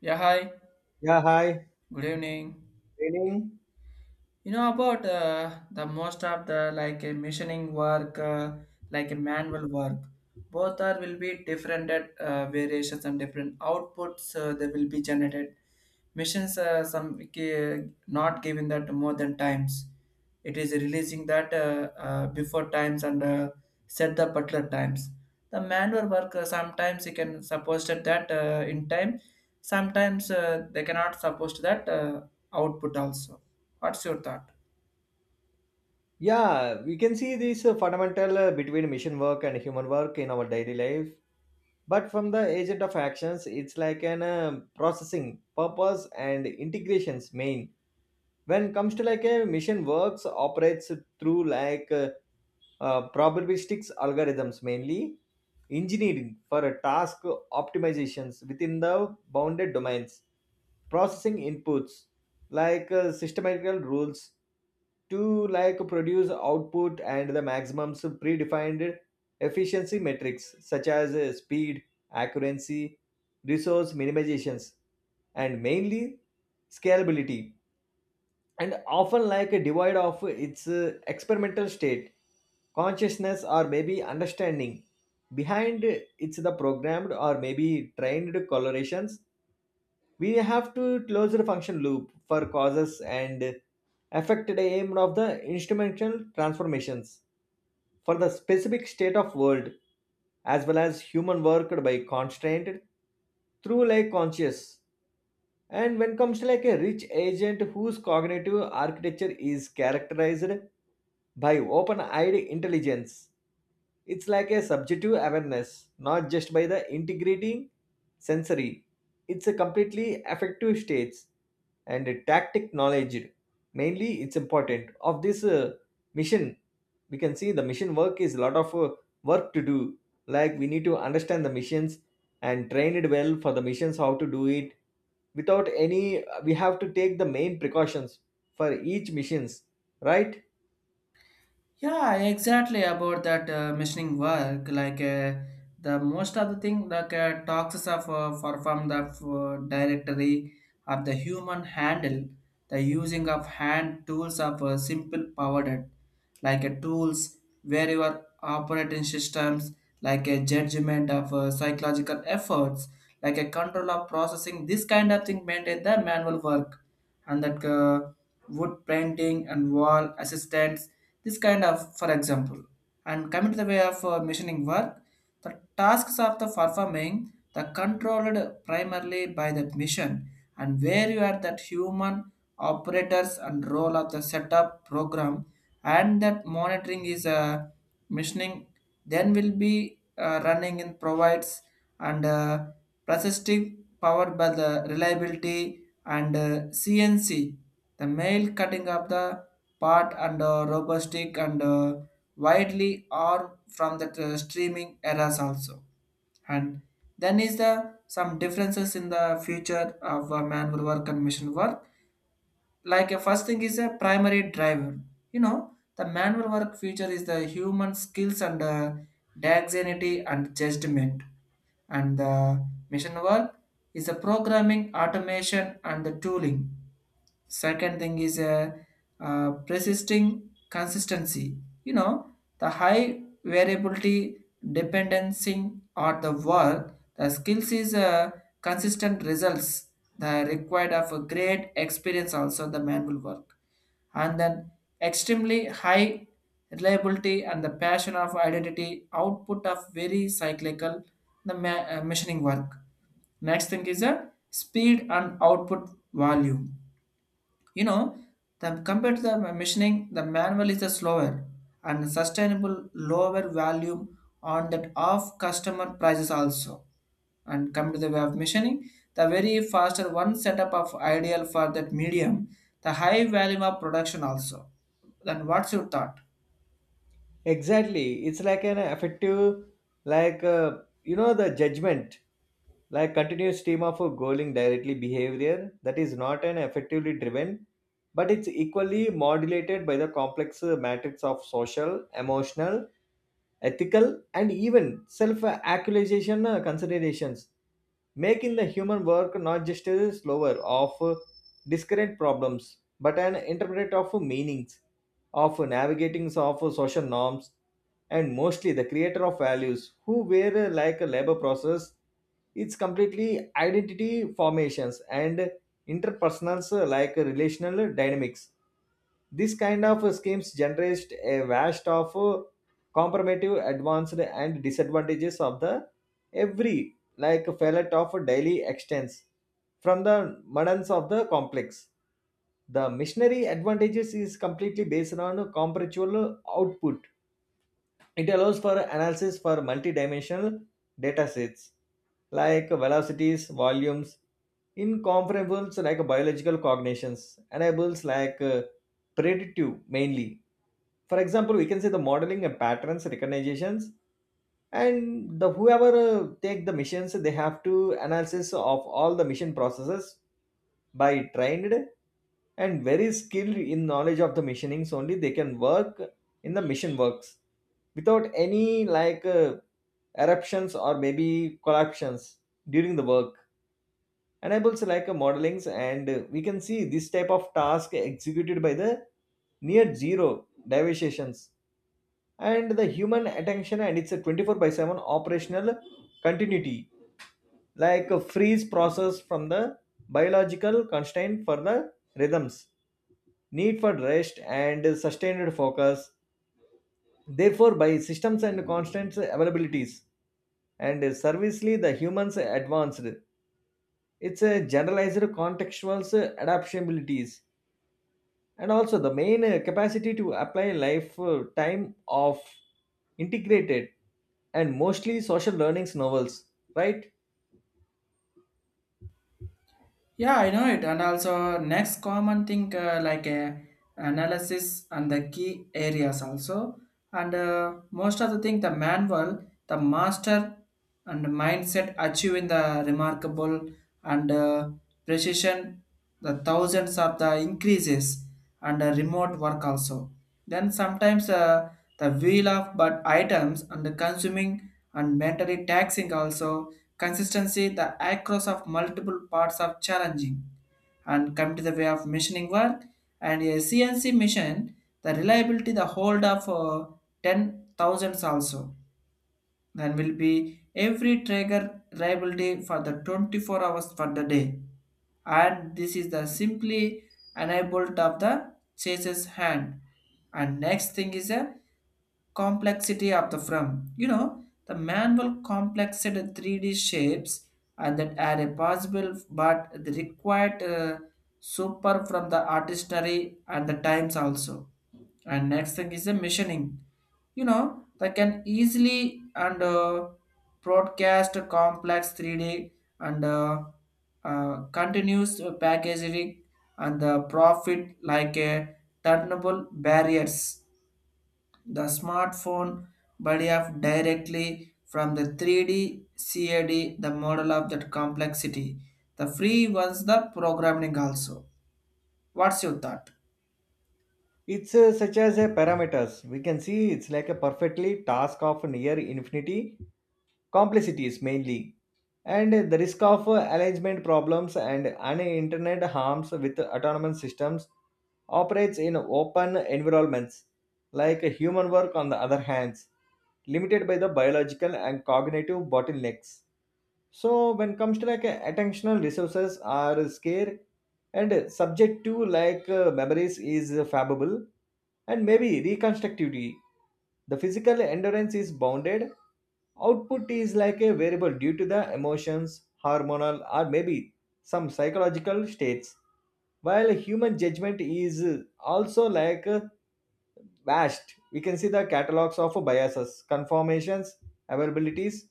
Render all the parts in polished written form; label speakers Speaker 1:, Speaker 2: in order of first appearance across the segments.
Speaker 1: Yeah, hi.
Speaker 2: Yeah, hi.
Speaker 1: Good evening.
Speaker 2: Training.
Speaker 1: You know about the most of the like a machining work, like a manual work. Both are will be different at variations and different outputs, they will be generated. Machines, not giving that more than times. It is releasing that before times, and set the particular times. The manual work, sometimes you can suppose that, in time. Sometimes, they cannot suppose that, output also. What's your thought?
Speaker 2: Yeah, we can see this fundamental between mission work and human work in our daily life. But from the agent of actions, it's like an processing purpose and integrations main. When comes to like a mission works operates through like probabilistic algorithms mainly engineering for a task optimizations within the bounded domains processing inputs like systematical rules to like produce output and the maximums of predefined efficiency metrics such as speed, accuracy, resource minimizations, and mainly scalability, and often like a divide of its experimental state consciousness or maybe understanding behind it's the programmed or maybe trained colorations. We have to close the function loop for causes and affected aim of the instrumental transformations for the specific state of world as well as human worked by constraint through like conscious. And when comes to like a rich agent whose cognitive architecture is characterized by open-eyed intelligence, it's like a subjective awareness, not just by the integrating sensory. It's a completely affective states and a tactic knowledge. Mainly, it's important of this mission. We can see the mission work is a lot of work to do. Like we need to understand the missions and train it well for the missions how to do it without any we have to take the main precautions for each missions, right?
Speaker 1: Yeah, exactly about that missioning work. Like, the most of the thing, like, talks of, for from the, directory of the human handle, the using of hand tools of, simple powered, like, tools where your operating systems, like a judgment of, psychological efforts, like a control of processing. This kind of thing maintain the manual work, and that, wood painting and wall assistance, this kind of, for example. And coming to the way of, machining work, the tasks of the performing, the controlled primarily by the machine, and where you are that human operators and role of the setup program, and that monitoring is, machining, then will be, running in provides, and, persistive powered by the reliability, and, CNC, the mail cutting of the part, and, robustic, and, widely or from the, streaming eras also. And then is the some differences in the future of, manual work and machine work, like a first thing is a primary driver. You know, the manual work feature is the human skills, and, dexterity and judgment, and the mission work is the programming automation and the tooling. Second thing is a, persisting consistency. You know, the high variability dependency, or the work, the skills is, consistent results, the required of a great experience also the manual work. And then, extremely high reliability and the passion of identity output of very cyclical, the machining work. Next thing is a speed and output volume. You know, the, compared to the machining, the manual is the slower and sustainable lower value on that of customer prices also. And come to the way of machining, the very faster one setup of ideal for that medium, the high volume of production also. Then what's your thought?
Speaker 2: Exactly. It's like an effective, like, the judgment, like continuous stream of a goaling directly behavior that is not an effectively driven, but it's equally modulated by the complex matrix of social, emotional, ethical, and even self actualization considerations, making the human work not just a slower of discrete problems, but an interpreter of meanings, of navigating of social norms, and mostly the creator of values who were like a labor process. It's completely identity formations and interpersonal like relational dynamics. This kind of schemes generates a vast of comparative advanced and disadvantages of the every like palette of daily extends from the moderns of the complex. The missionary advantages is completely based on comparative output. It allows for analysis for multidimensional data sets like velocities, volumes, incomparables like biological cognitions, enables like predictive mainly. For example, we can say the modeling and patterns recognitions, and the whoever take the missions they have to analysis of all the mission processes by trained and very skilled in knowledge of the missionings only they can work in the mission works without any like eruptions or maybe collapsions during the work. And I also like a modelings, and we can see this type of task executed by the near zero deviations and the human attention, and it's a 24 by 7 operational continuity like a freeze process from the biological constraint for the rhythms need for rest and sustained focus therefore by systems and constant availabilities. And servicely the humans advanced, it's a generalized contextual adaptabilities, and also the main capacity to apply life time of integrated and mostly social learnings novels, right?
Speaker 1: Yeah, I know it. And also, next common thing, like, analysis and the key areas also. And, most of the thing, the manual, the master, and mindset achieving the remarkable, and, precision, the thousands of the increases, and, remote work also. Then sometimes, the wheel of but items, and the consuming and mentally taxing also. Consistency, the across of multiple parts of challenging. And come to the way of machining work and a CNC machine, the reliability, the hold of, 10,000 also. Then will be every trigger reliability for the 24 hours for the day. And this is the simply enabled of the chaser's hand. And next thing is a complexity of the firm. You know, the manual complexed 3D shapes and that are a possible, but the required, super from the artistry and the times also. And next thing is the machining. You know, that can easily and, broadcast complex 3D, and, continuous packaging, and the profit like a turnable barriers. The smartphone body of directly from the 3D CAD, the model of that complexity. The free ones, the programming also. What's your thought?
Speaker 2: It's such as a parameters we can see it's like a perfectly task of near infinity complexities mainly, and the risk of alignment problems and an internet harms with autonomous systems operates in open environments like human work on the other hands limited by the biological and cognitive bottlenecks. So when comes to like attentional resources are scarce, and subject to like memories is favorable and maybe reconstructivity. The physical endurance is bounded. Output is like a variable due to the emotions, hormonal, or maybe some psychological states. While human judgment is also like vast. We can see the catalogs of biases, conformations, availabilities,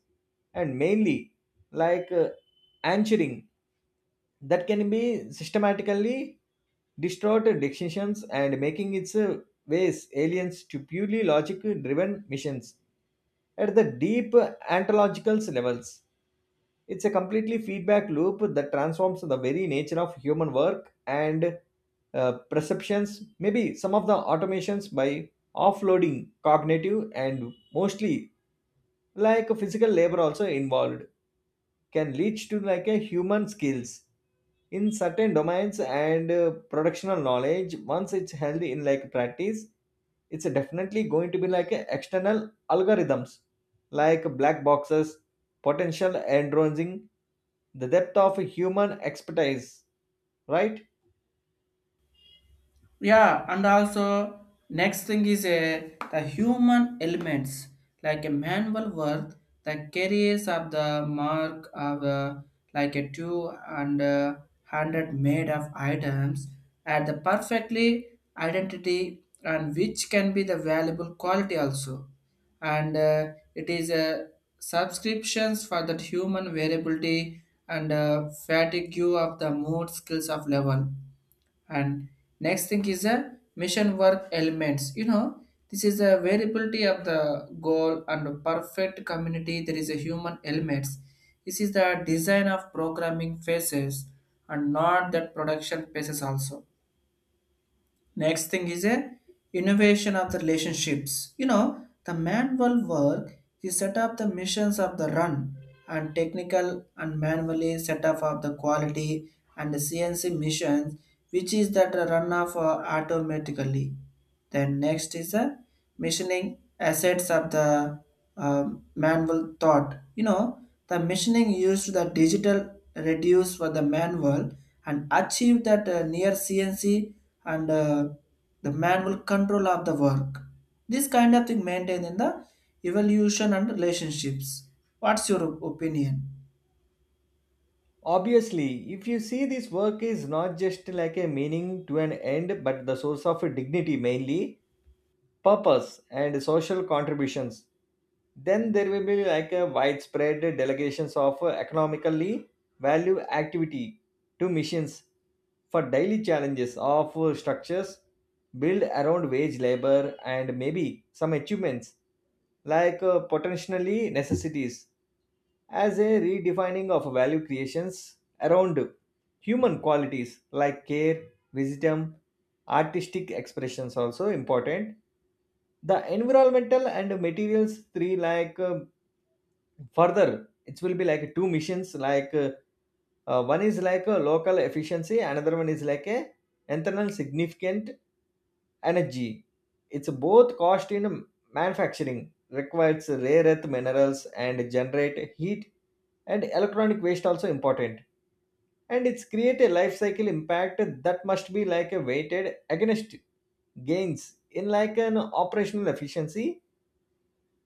Speaker 2: and mainly like answering that can be systematically distorted decisions and making its ways aliens to purely logic driven missions at the deep ontological levels. It's a completely feedback loop that transforms the very nature of human work and perceptions. Maybe some of the automations by offloading cognitive and mostly like physical labor also involved can lead to like a human skills in certain domains, and productional knowledge once it's held in like practice, it's definitely going to be like a external algorithms like black boxes potential entrancing the depth of human expertise, right.
Speaker 1: Yeah, and also next thing is a the human elements, like a manual work, the carriers of the mark of, like a two, and, hundred made of items, at the perfectly identity, and which can be the valuable quality also. And, it is a subscriptions for that human variability, and, fatigue of the mood skills of level. And next thing is a mission work elements. You know, this is a variability of the goal and perfect community, there is a human elements, this is the design of programming phases, and not that production phases also. Next thing is a innovation of the relationships. You know, the manual work, you set up the missions of the run and technical and manually set up of the quality, and the CNC missions, which is that run of, automatically. Then next is the machining assets of the, manual thought. You know, the machining used the digital reduce for the manual and achieve that, near CNC, and, the manual control of the work. This kind of thing maintained in the evolution and relationships. What's your opinion?
Speaker 2: Obviously if you see this work is not just like a meaning to an end but the source of dignity mainly purpose and social contributions, then there will be like a widespread delegations of economically value activity to missions for daily challenges of structures built around wage labor and maybe some achievements like potentially necessities as a redefining of value creations around human qualities like care, wisdom, artistic expressions also important. The environmental and materials three like further, it will be like two missions like one is like a local efficiency, another one is like a internal significant energy. It's both cost in manufacturing requires rare earth minerals and generate heat and electronic waste also important. And it's create a life cycle impact that must be like a weighted against gains in like an operational efficiency.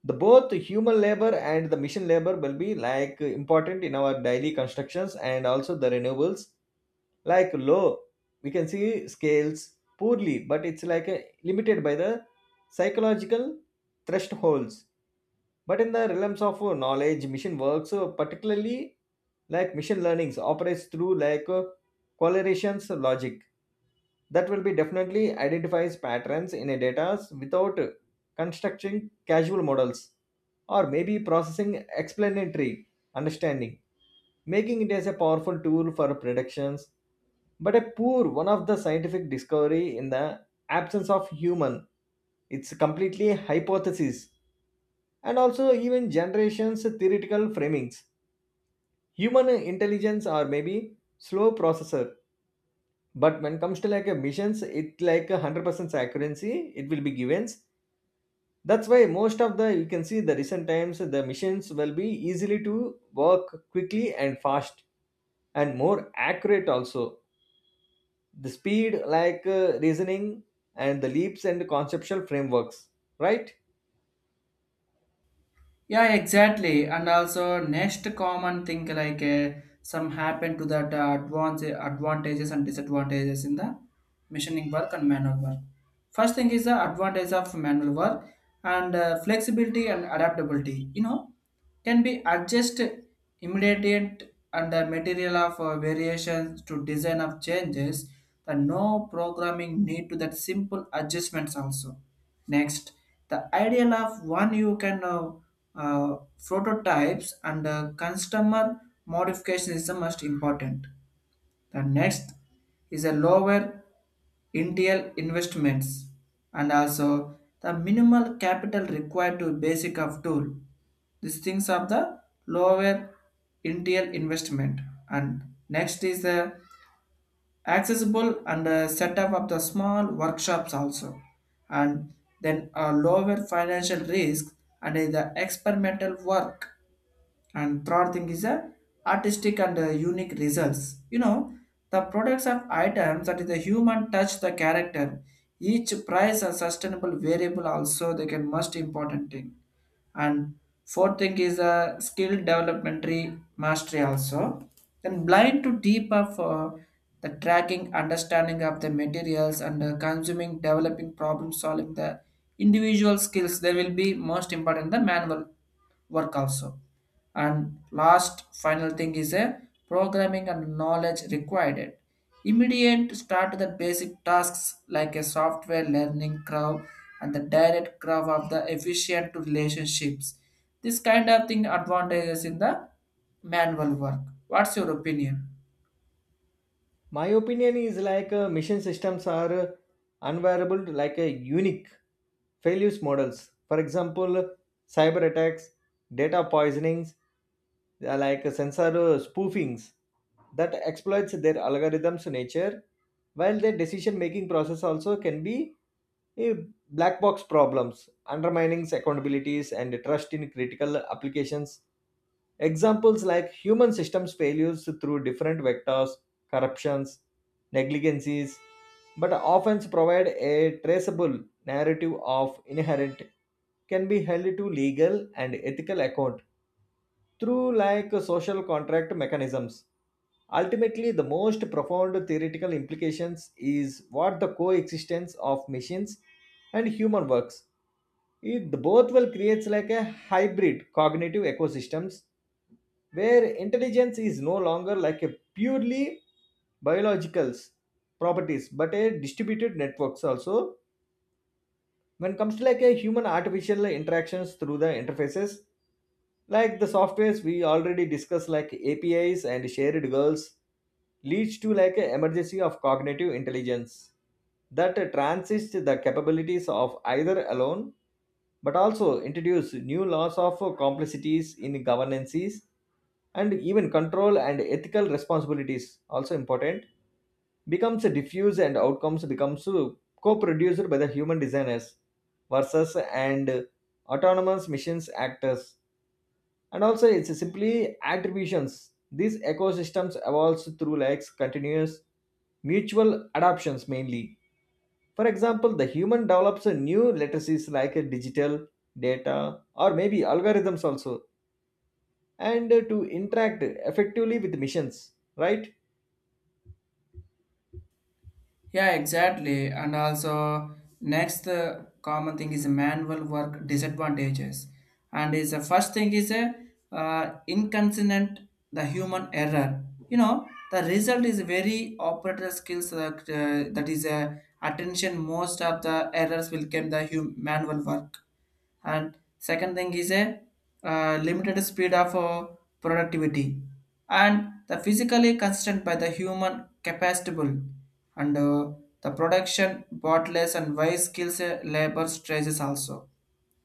Speaker 2: The both human labor and the machine labor will be like important in our daily constructions, and also the renewables like low we can see scales poorly, but it's like a, limited by the psychological thresholds. But in the realms of knowledge machine works particularly like machine learnings operates through like correlations logic that will be definitely identifies patterns in a data without constructing casual models or maybe processing explanatory understanding, making it as a powerful tool for predictions but a poor one of the scientific discovery in the absence of human. It's completely hypothesis and also even generations theoretical framings, human intelligence or maybe slow processor. But when it comes to like a missions, it like 100% accuracy it will be given. That's why most of the you can see the recent times the missions will be easily to work quickly and fast and more accurate also. The speed like reasoning and the leaps and conceptual frameworks, right?
Speaker 1: Yeah, exactly. And also next common thing, like, some happen to that, advance advantages and disadvantages in the machining work and manual work. First thing is the advantage of manual work, and, flexibility and adaptability. You know, can be adjust immediate, and the material of, variations to design of changes. The no programming need to that simple adjustments also. Next, the ideal of one, you can, uh, prototypes, and, customer modification is the most important. The next is a lower initial investments, and also the minimal capital required to basic of tool. These things are the lower initial investment. And next is the accessible and, set up of the small workshops also, and then a lower financial risk, and, the experimental work. And third thing is a artistic and, unique results. You know, the products of items that is the human touch, the character, each price a sustainable variable also, they can most important thing. And fourth thing is a skill developmentary mastery also. Then blind to deep of, the tracking understanding of the materials, and, consuming developing problem solving, the individual skills, there will be most important the manual work also. And last final thing is a programming and knowledge required. Immediate start the basic tasks, like a software learning curve and the direct curve of the efficient to relationships. This kind of thing advantages in the manual work. What's your opinion?
Speaker 2: My opinion is like mission systems are unvariable to like a unique failures models. For example, cyber attacks, data poisonings, they are like sensor spoofings that exploits their algorithms nature, while their decision making process also can be a black box problems undermining accountabilities and trust in critical applications. Examples like human systems failures through different vectors, corruptions, negligencies, but often provide a traceable narrative of inherent can be held to legal and ethical account through like social contract mechanisms. Ultimately, the most profound theoretical implications is what the coexistence of machines and human works. It both will creates like a hybrid cognitive ecosystems where intelligence is no longer like a purely biological properties but a distributed networks also. When it comes to like a human artificial interactions through the interfaces, like the softwares we already discussed, like APIs and shared goals, leads to like a emergency of cognitive intelligence that transits the capabilities of either alone, but also introduce new laws of complexities in governances and even control and ethical responsibilities also important becomes diffuse and outcomes becomes co-produced by the human designers versus and autonomous missions actors, and also it's simply attributions. These ecosystems evolves through like continuous mutual adoptions mainly. For example, the human develops a new literacies like a digital data or maybe algorithms also, and to interact effectively with missions, right.
Speaker 1: Yeah, exactly. And also, next, common thing is manual work disadvantages. And is the first thing is a, inconsistent the human error. You know, the result is very operator skills that, that is a attention. Most of the errors will come the manual work. And second thing is a, limited speed of, productivity, and the physically constrained by the human capacitable, and, the production bottles, and wise skills, labor stresses also.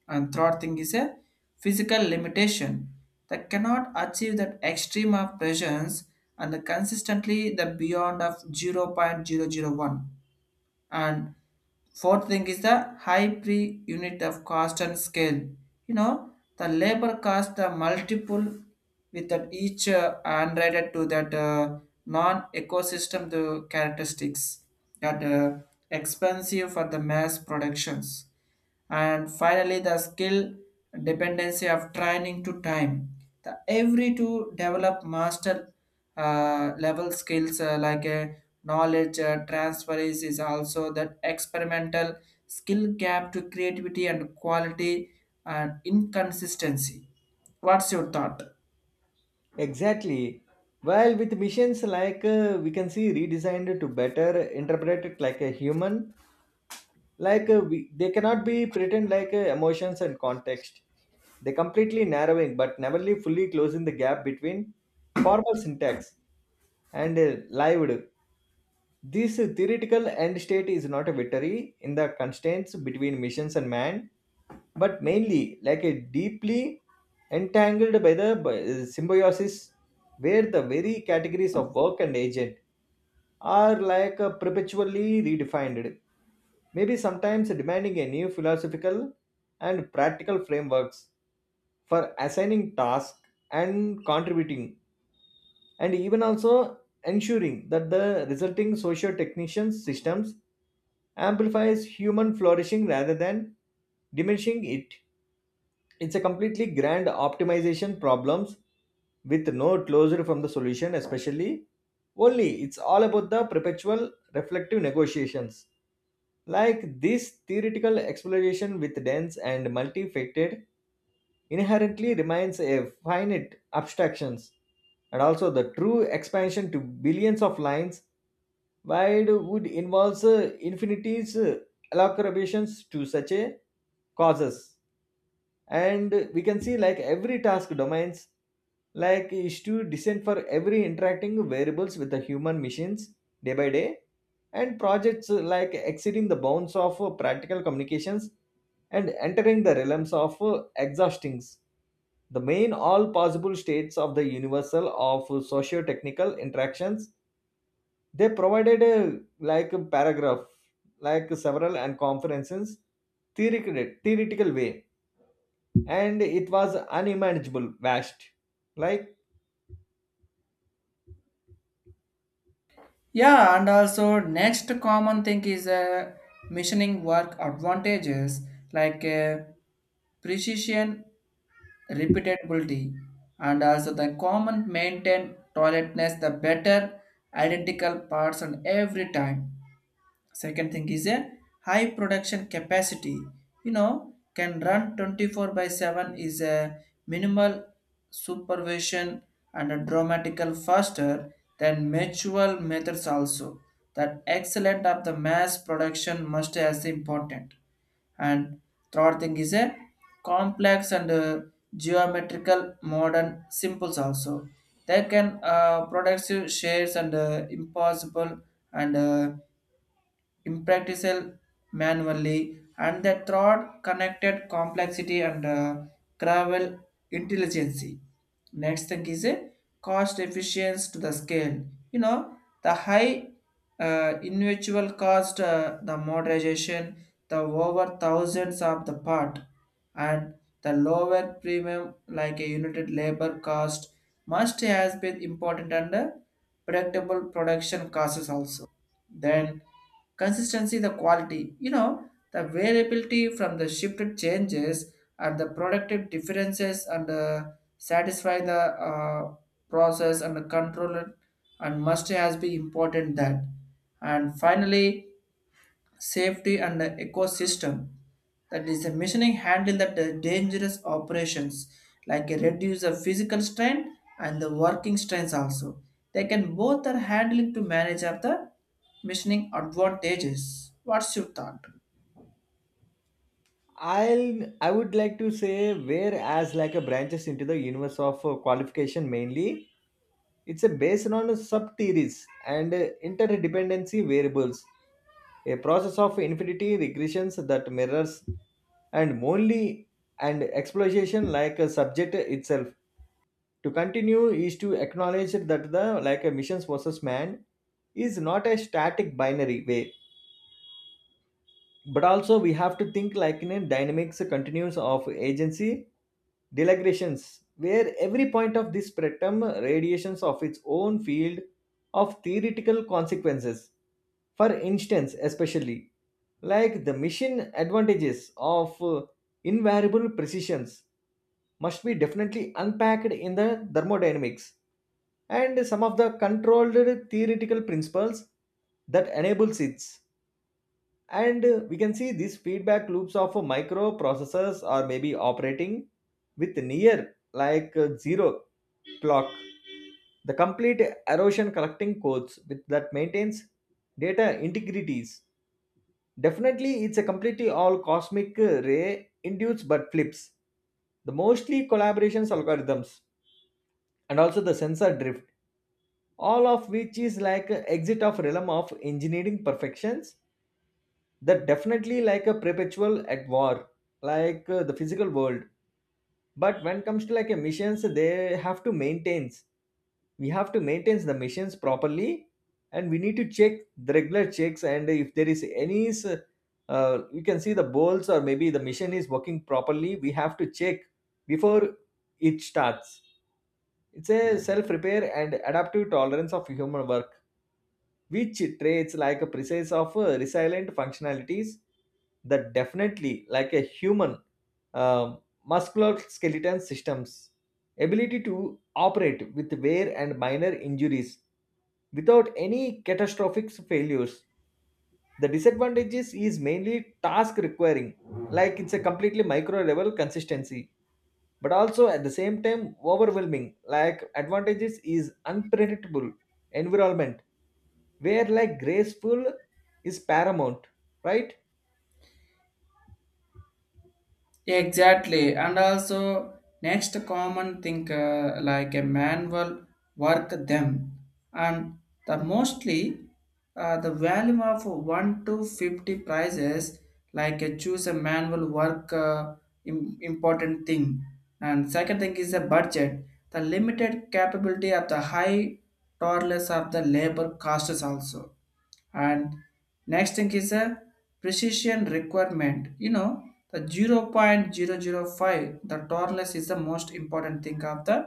Speaker 1: And third thing is a physical limitation that cannot achieve that extreme of presence, and the consistently the beyond of 0.00 0.001. And fourth thing is the high per unit of cost and scale. You know, the labor cost the multiple with that each, and related to that, non-ecosystem the characteristics that, expensive for the mass productions. And finally the skill dependency of training to time, the every to develop master, level skills, like a knowledge, transfer is also that experimental skill gap to creativity and quality and inconsistency. What's your thought?
Speaker 2: Exactly, while with missions like we can see redesigned to better interpret it like a human, like they cannot be pretend like emotions and context. They completely narrowing but never really fully closing the gap between formal syntax and lived. This theoretical end state is not a victory in the constraints between missions and man, but mainly like a deeply entangled by the symbiosis where the very categories of work and agent are like perpetually redefined, maybe sometimes demanding a new philosophical and practical frameworks for assigning tasks and contributing, and even also ensuring that the resulting socio technician systems amplifies human flourishing rather than diminishing it. It's a completely grand optimization problems with no closure from the solution especially only. It's all about the perpetual reflective negotiations like this theoretical exploration with dense and multifaceted inherently remains a finite abstractions. And also the true expansion to billions of lines wide would involve infinities elaborations to such a causes. And we can see like every task domains like is to descend for every interacting variables with the human machines day by day, and projects like exceeding the bounds of practical communications and entering the realms of exhaustings the main all possible states of the universal of socio-technical interactions. They provided a like a paragraph like several and conferences theoretical way, and it was unimaginable vast, like
Speaker 1: Yeah, and also next common thing is, missioning work advantages, like, precision, repeatability, and also the common maintain toiletness, the better identical parts on every time. Second thing is a high production capacity. You know, can run 24/7 is a minimal supervision, and a dramatical faster than manual methods also, that excellent of the mass production must as important. And third thing is a complex and, geometrical modern simples also. They can, produce shares, and, impossible, and, impractical manually, and the third connected complexity, and, gravel intelligence. Next thing is a cost efficiency to the scale. You know, the high, individual cost, the modernization, the over thousands of the part, and the lower premium like a unit labor cost must has been important, and, predictable production costs also. Then consistency, the quality. You know, the variability from the shifted changes, and the productive differences, and, satisfy the, process and the control, and must has been important that. And finally, safety and the ecosystem. That is the machining handle that the dangerous operations, like a reduce the physical strain and the working strains also. They can both are handling to manage of the machining advantages. What's your thought?
Speaker 2: I would like to say whereas like a branches into the universe of qualification mainly, it's a based on sub-theories and interdependency variables, a process of infinity regressions that mirrors and only and exploitation like a subject itself. To continue is to acknowledge that the like a missions versus man is not a static binary way, but also we have to think like in a dynamics continues of agency delegations where every point of this spectrum radiations of its own field of theoretical consequences. For instance especially like the machine advantages of invariable precisions must be definitely unpacked in the thermodynamics and some of the controlled theoretical principles that enables it. And we can see these feedback loops of microprocessors are maybe operating with near like zero clock, the complete erosion collecting codes with that maintains data integrities. Definitely it's a completely all cosmic ray induced but flips the mostly collaborations algorithms and also the sensor drift, all of which is like a exit of realm of engineering perfections that definitely like a perpetual at war like the physical world. But when it comes to like a missions they have to maintains, we have to maintain the missions properly, and we need to check the regular checks. And if there is any you can see the bolts or maybe the mission is working properly we have to check before it starts. It's a self repair and adaptive tolerance of human work which traits like a precise of resilient functionalities that definitely like a human uh, musculoskeletal systems ability to operate with wear and minor injuries without any catastrophic failures. The disadvantages is mainly task requiring like it's a completely micro level consistency, but also at the same time overwhelming like advantages is unpredictable environment where like graceful is paramount, right.
Speaker 1: Exactly, and also next common thing, like a manual work them, and the mostly, the value of 1 to 50 prices, like, choose a manual work, important thing. And second thing is the budget, the limited capability of the high tolerance of the labor costs also. And next thing is a precision requirement. You know, the 0.00 0.005 the tolerance is the most important thing of the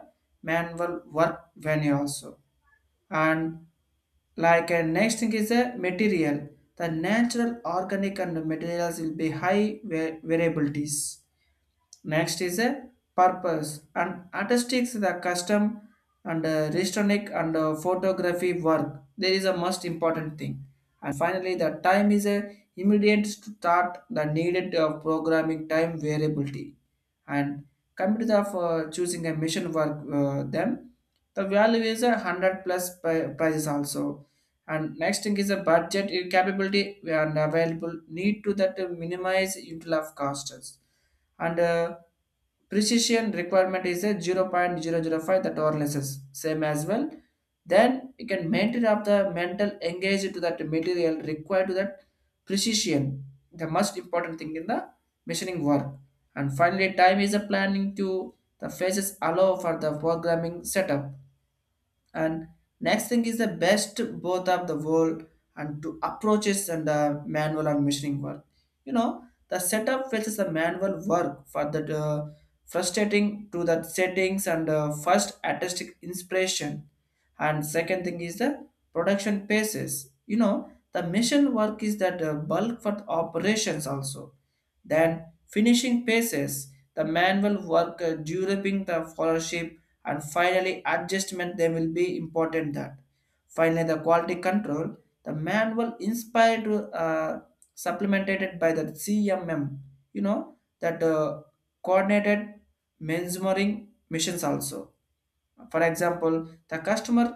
Speaker 1: manual work venue also. And like a next thing is a material, the natural organic and materials will be high variabilities. Next is a purpose and artistics the custom, and, restaurant and, photography work. There is a most important thing. And finally, the time is a immediate start the needed, programming time variability. And coming to for choosing a mission work, them, the value is a hundred plus prices also. And next thing is a budget, capability and available need to that, minimize util of costs, and, precision requirement is a 0.00 0.005 the tolerances same as well. Then you can maintain up the mental engaged to that material required to that precision, the most important thing in the machining work. And finally time is a planning to the phases allow for the programming setup. And next thing is the best both of the world, and to approaches and, manual and machining work. You know, the setup fetches the manual work for the, frustrating to the settings, and, first artistic inspiration. And second thing is the production paces. You know, the mission work is that, bulk for the operations also. Then finishing paces the manual work, during the followership, and finally adjustment they will be important that. Finally the quality control, the manual inspired, uh, supplemented by the CMM. You know, that, coordinated measuring missions also. For example, the customer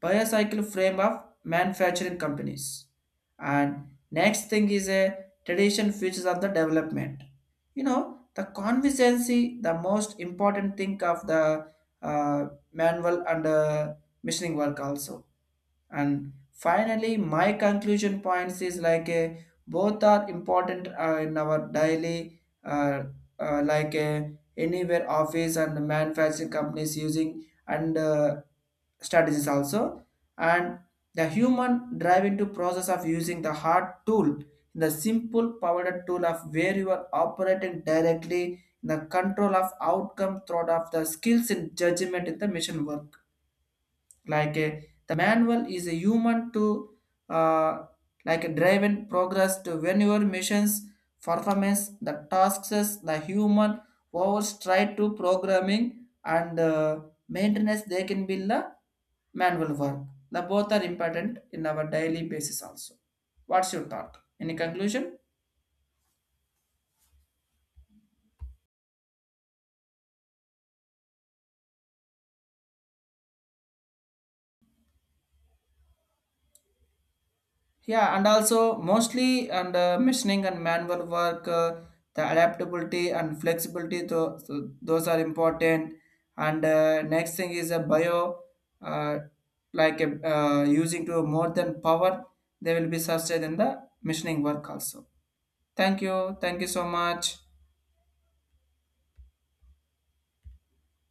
Speaker 1: bicycle frame of manufacturing companies. And next thing is a tradition features of the development. You know, the consistency, the most important thing of the, uh, manual and, machining work also. And finally my conclusion points is like a, both are important, in our daily, like a, anywhere office and manufacturing companies using, and, strategies also. And the human drive into process of using the hard tool, the simple powered tool of where you are operating directly in the control of outcome throughout of the skills and judgment in the mission work, like a the manual is a human to, uh, like a driven progress to when your missions performance the tasks, the human powers try to programming, and, maintenance they can be the manual work. The both are important in our daily basis also. What's your thought, any conclusion? Yeah, and also mostly and, machining and manual work, the adaptability and flexibility, so those are important. And, next thing is a bio, uh, like a, using to more than power, they will be sustained in the machining work also. Thank you. Thank you so much.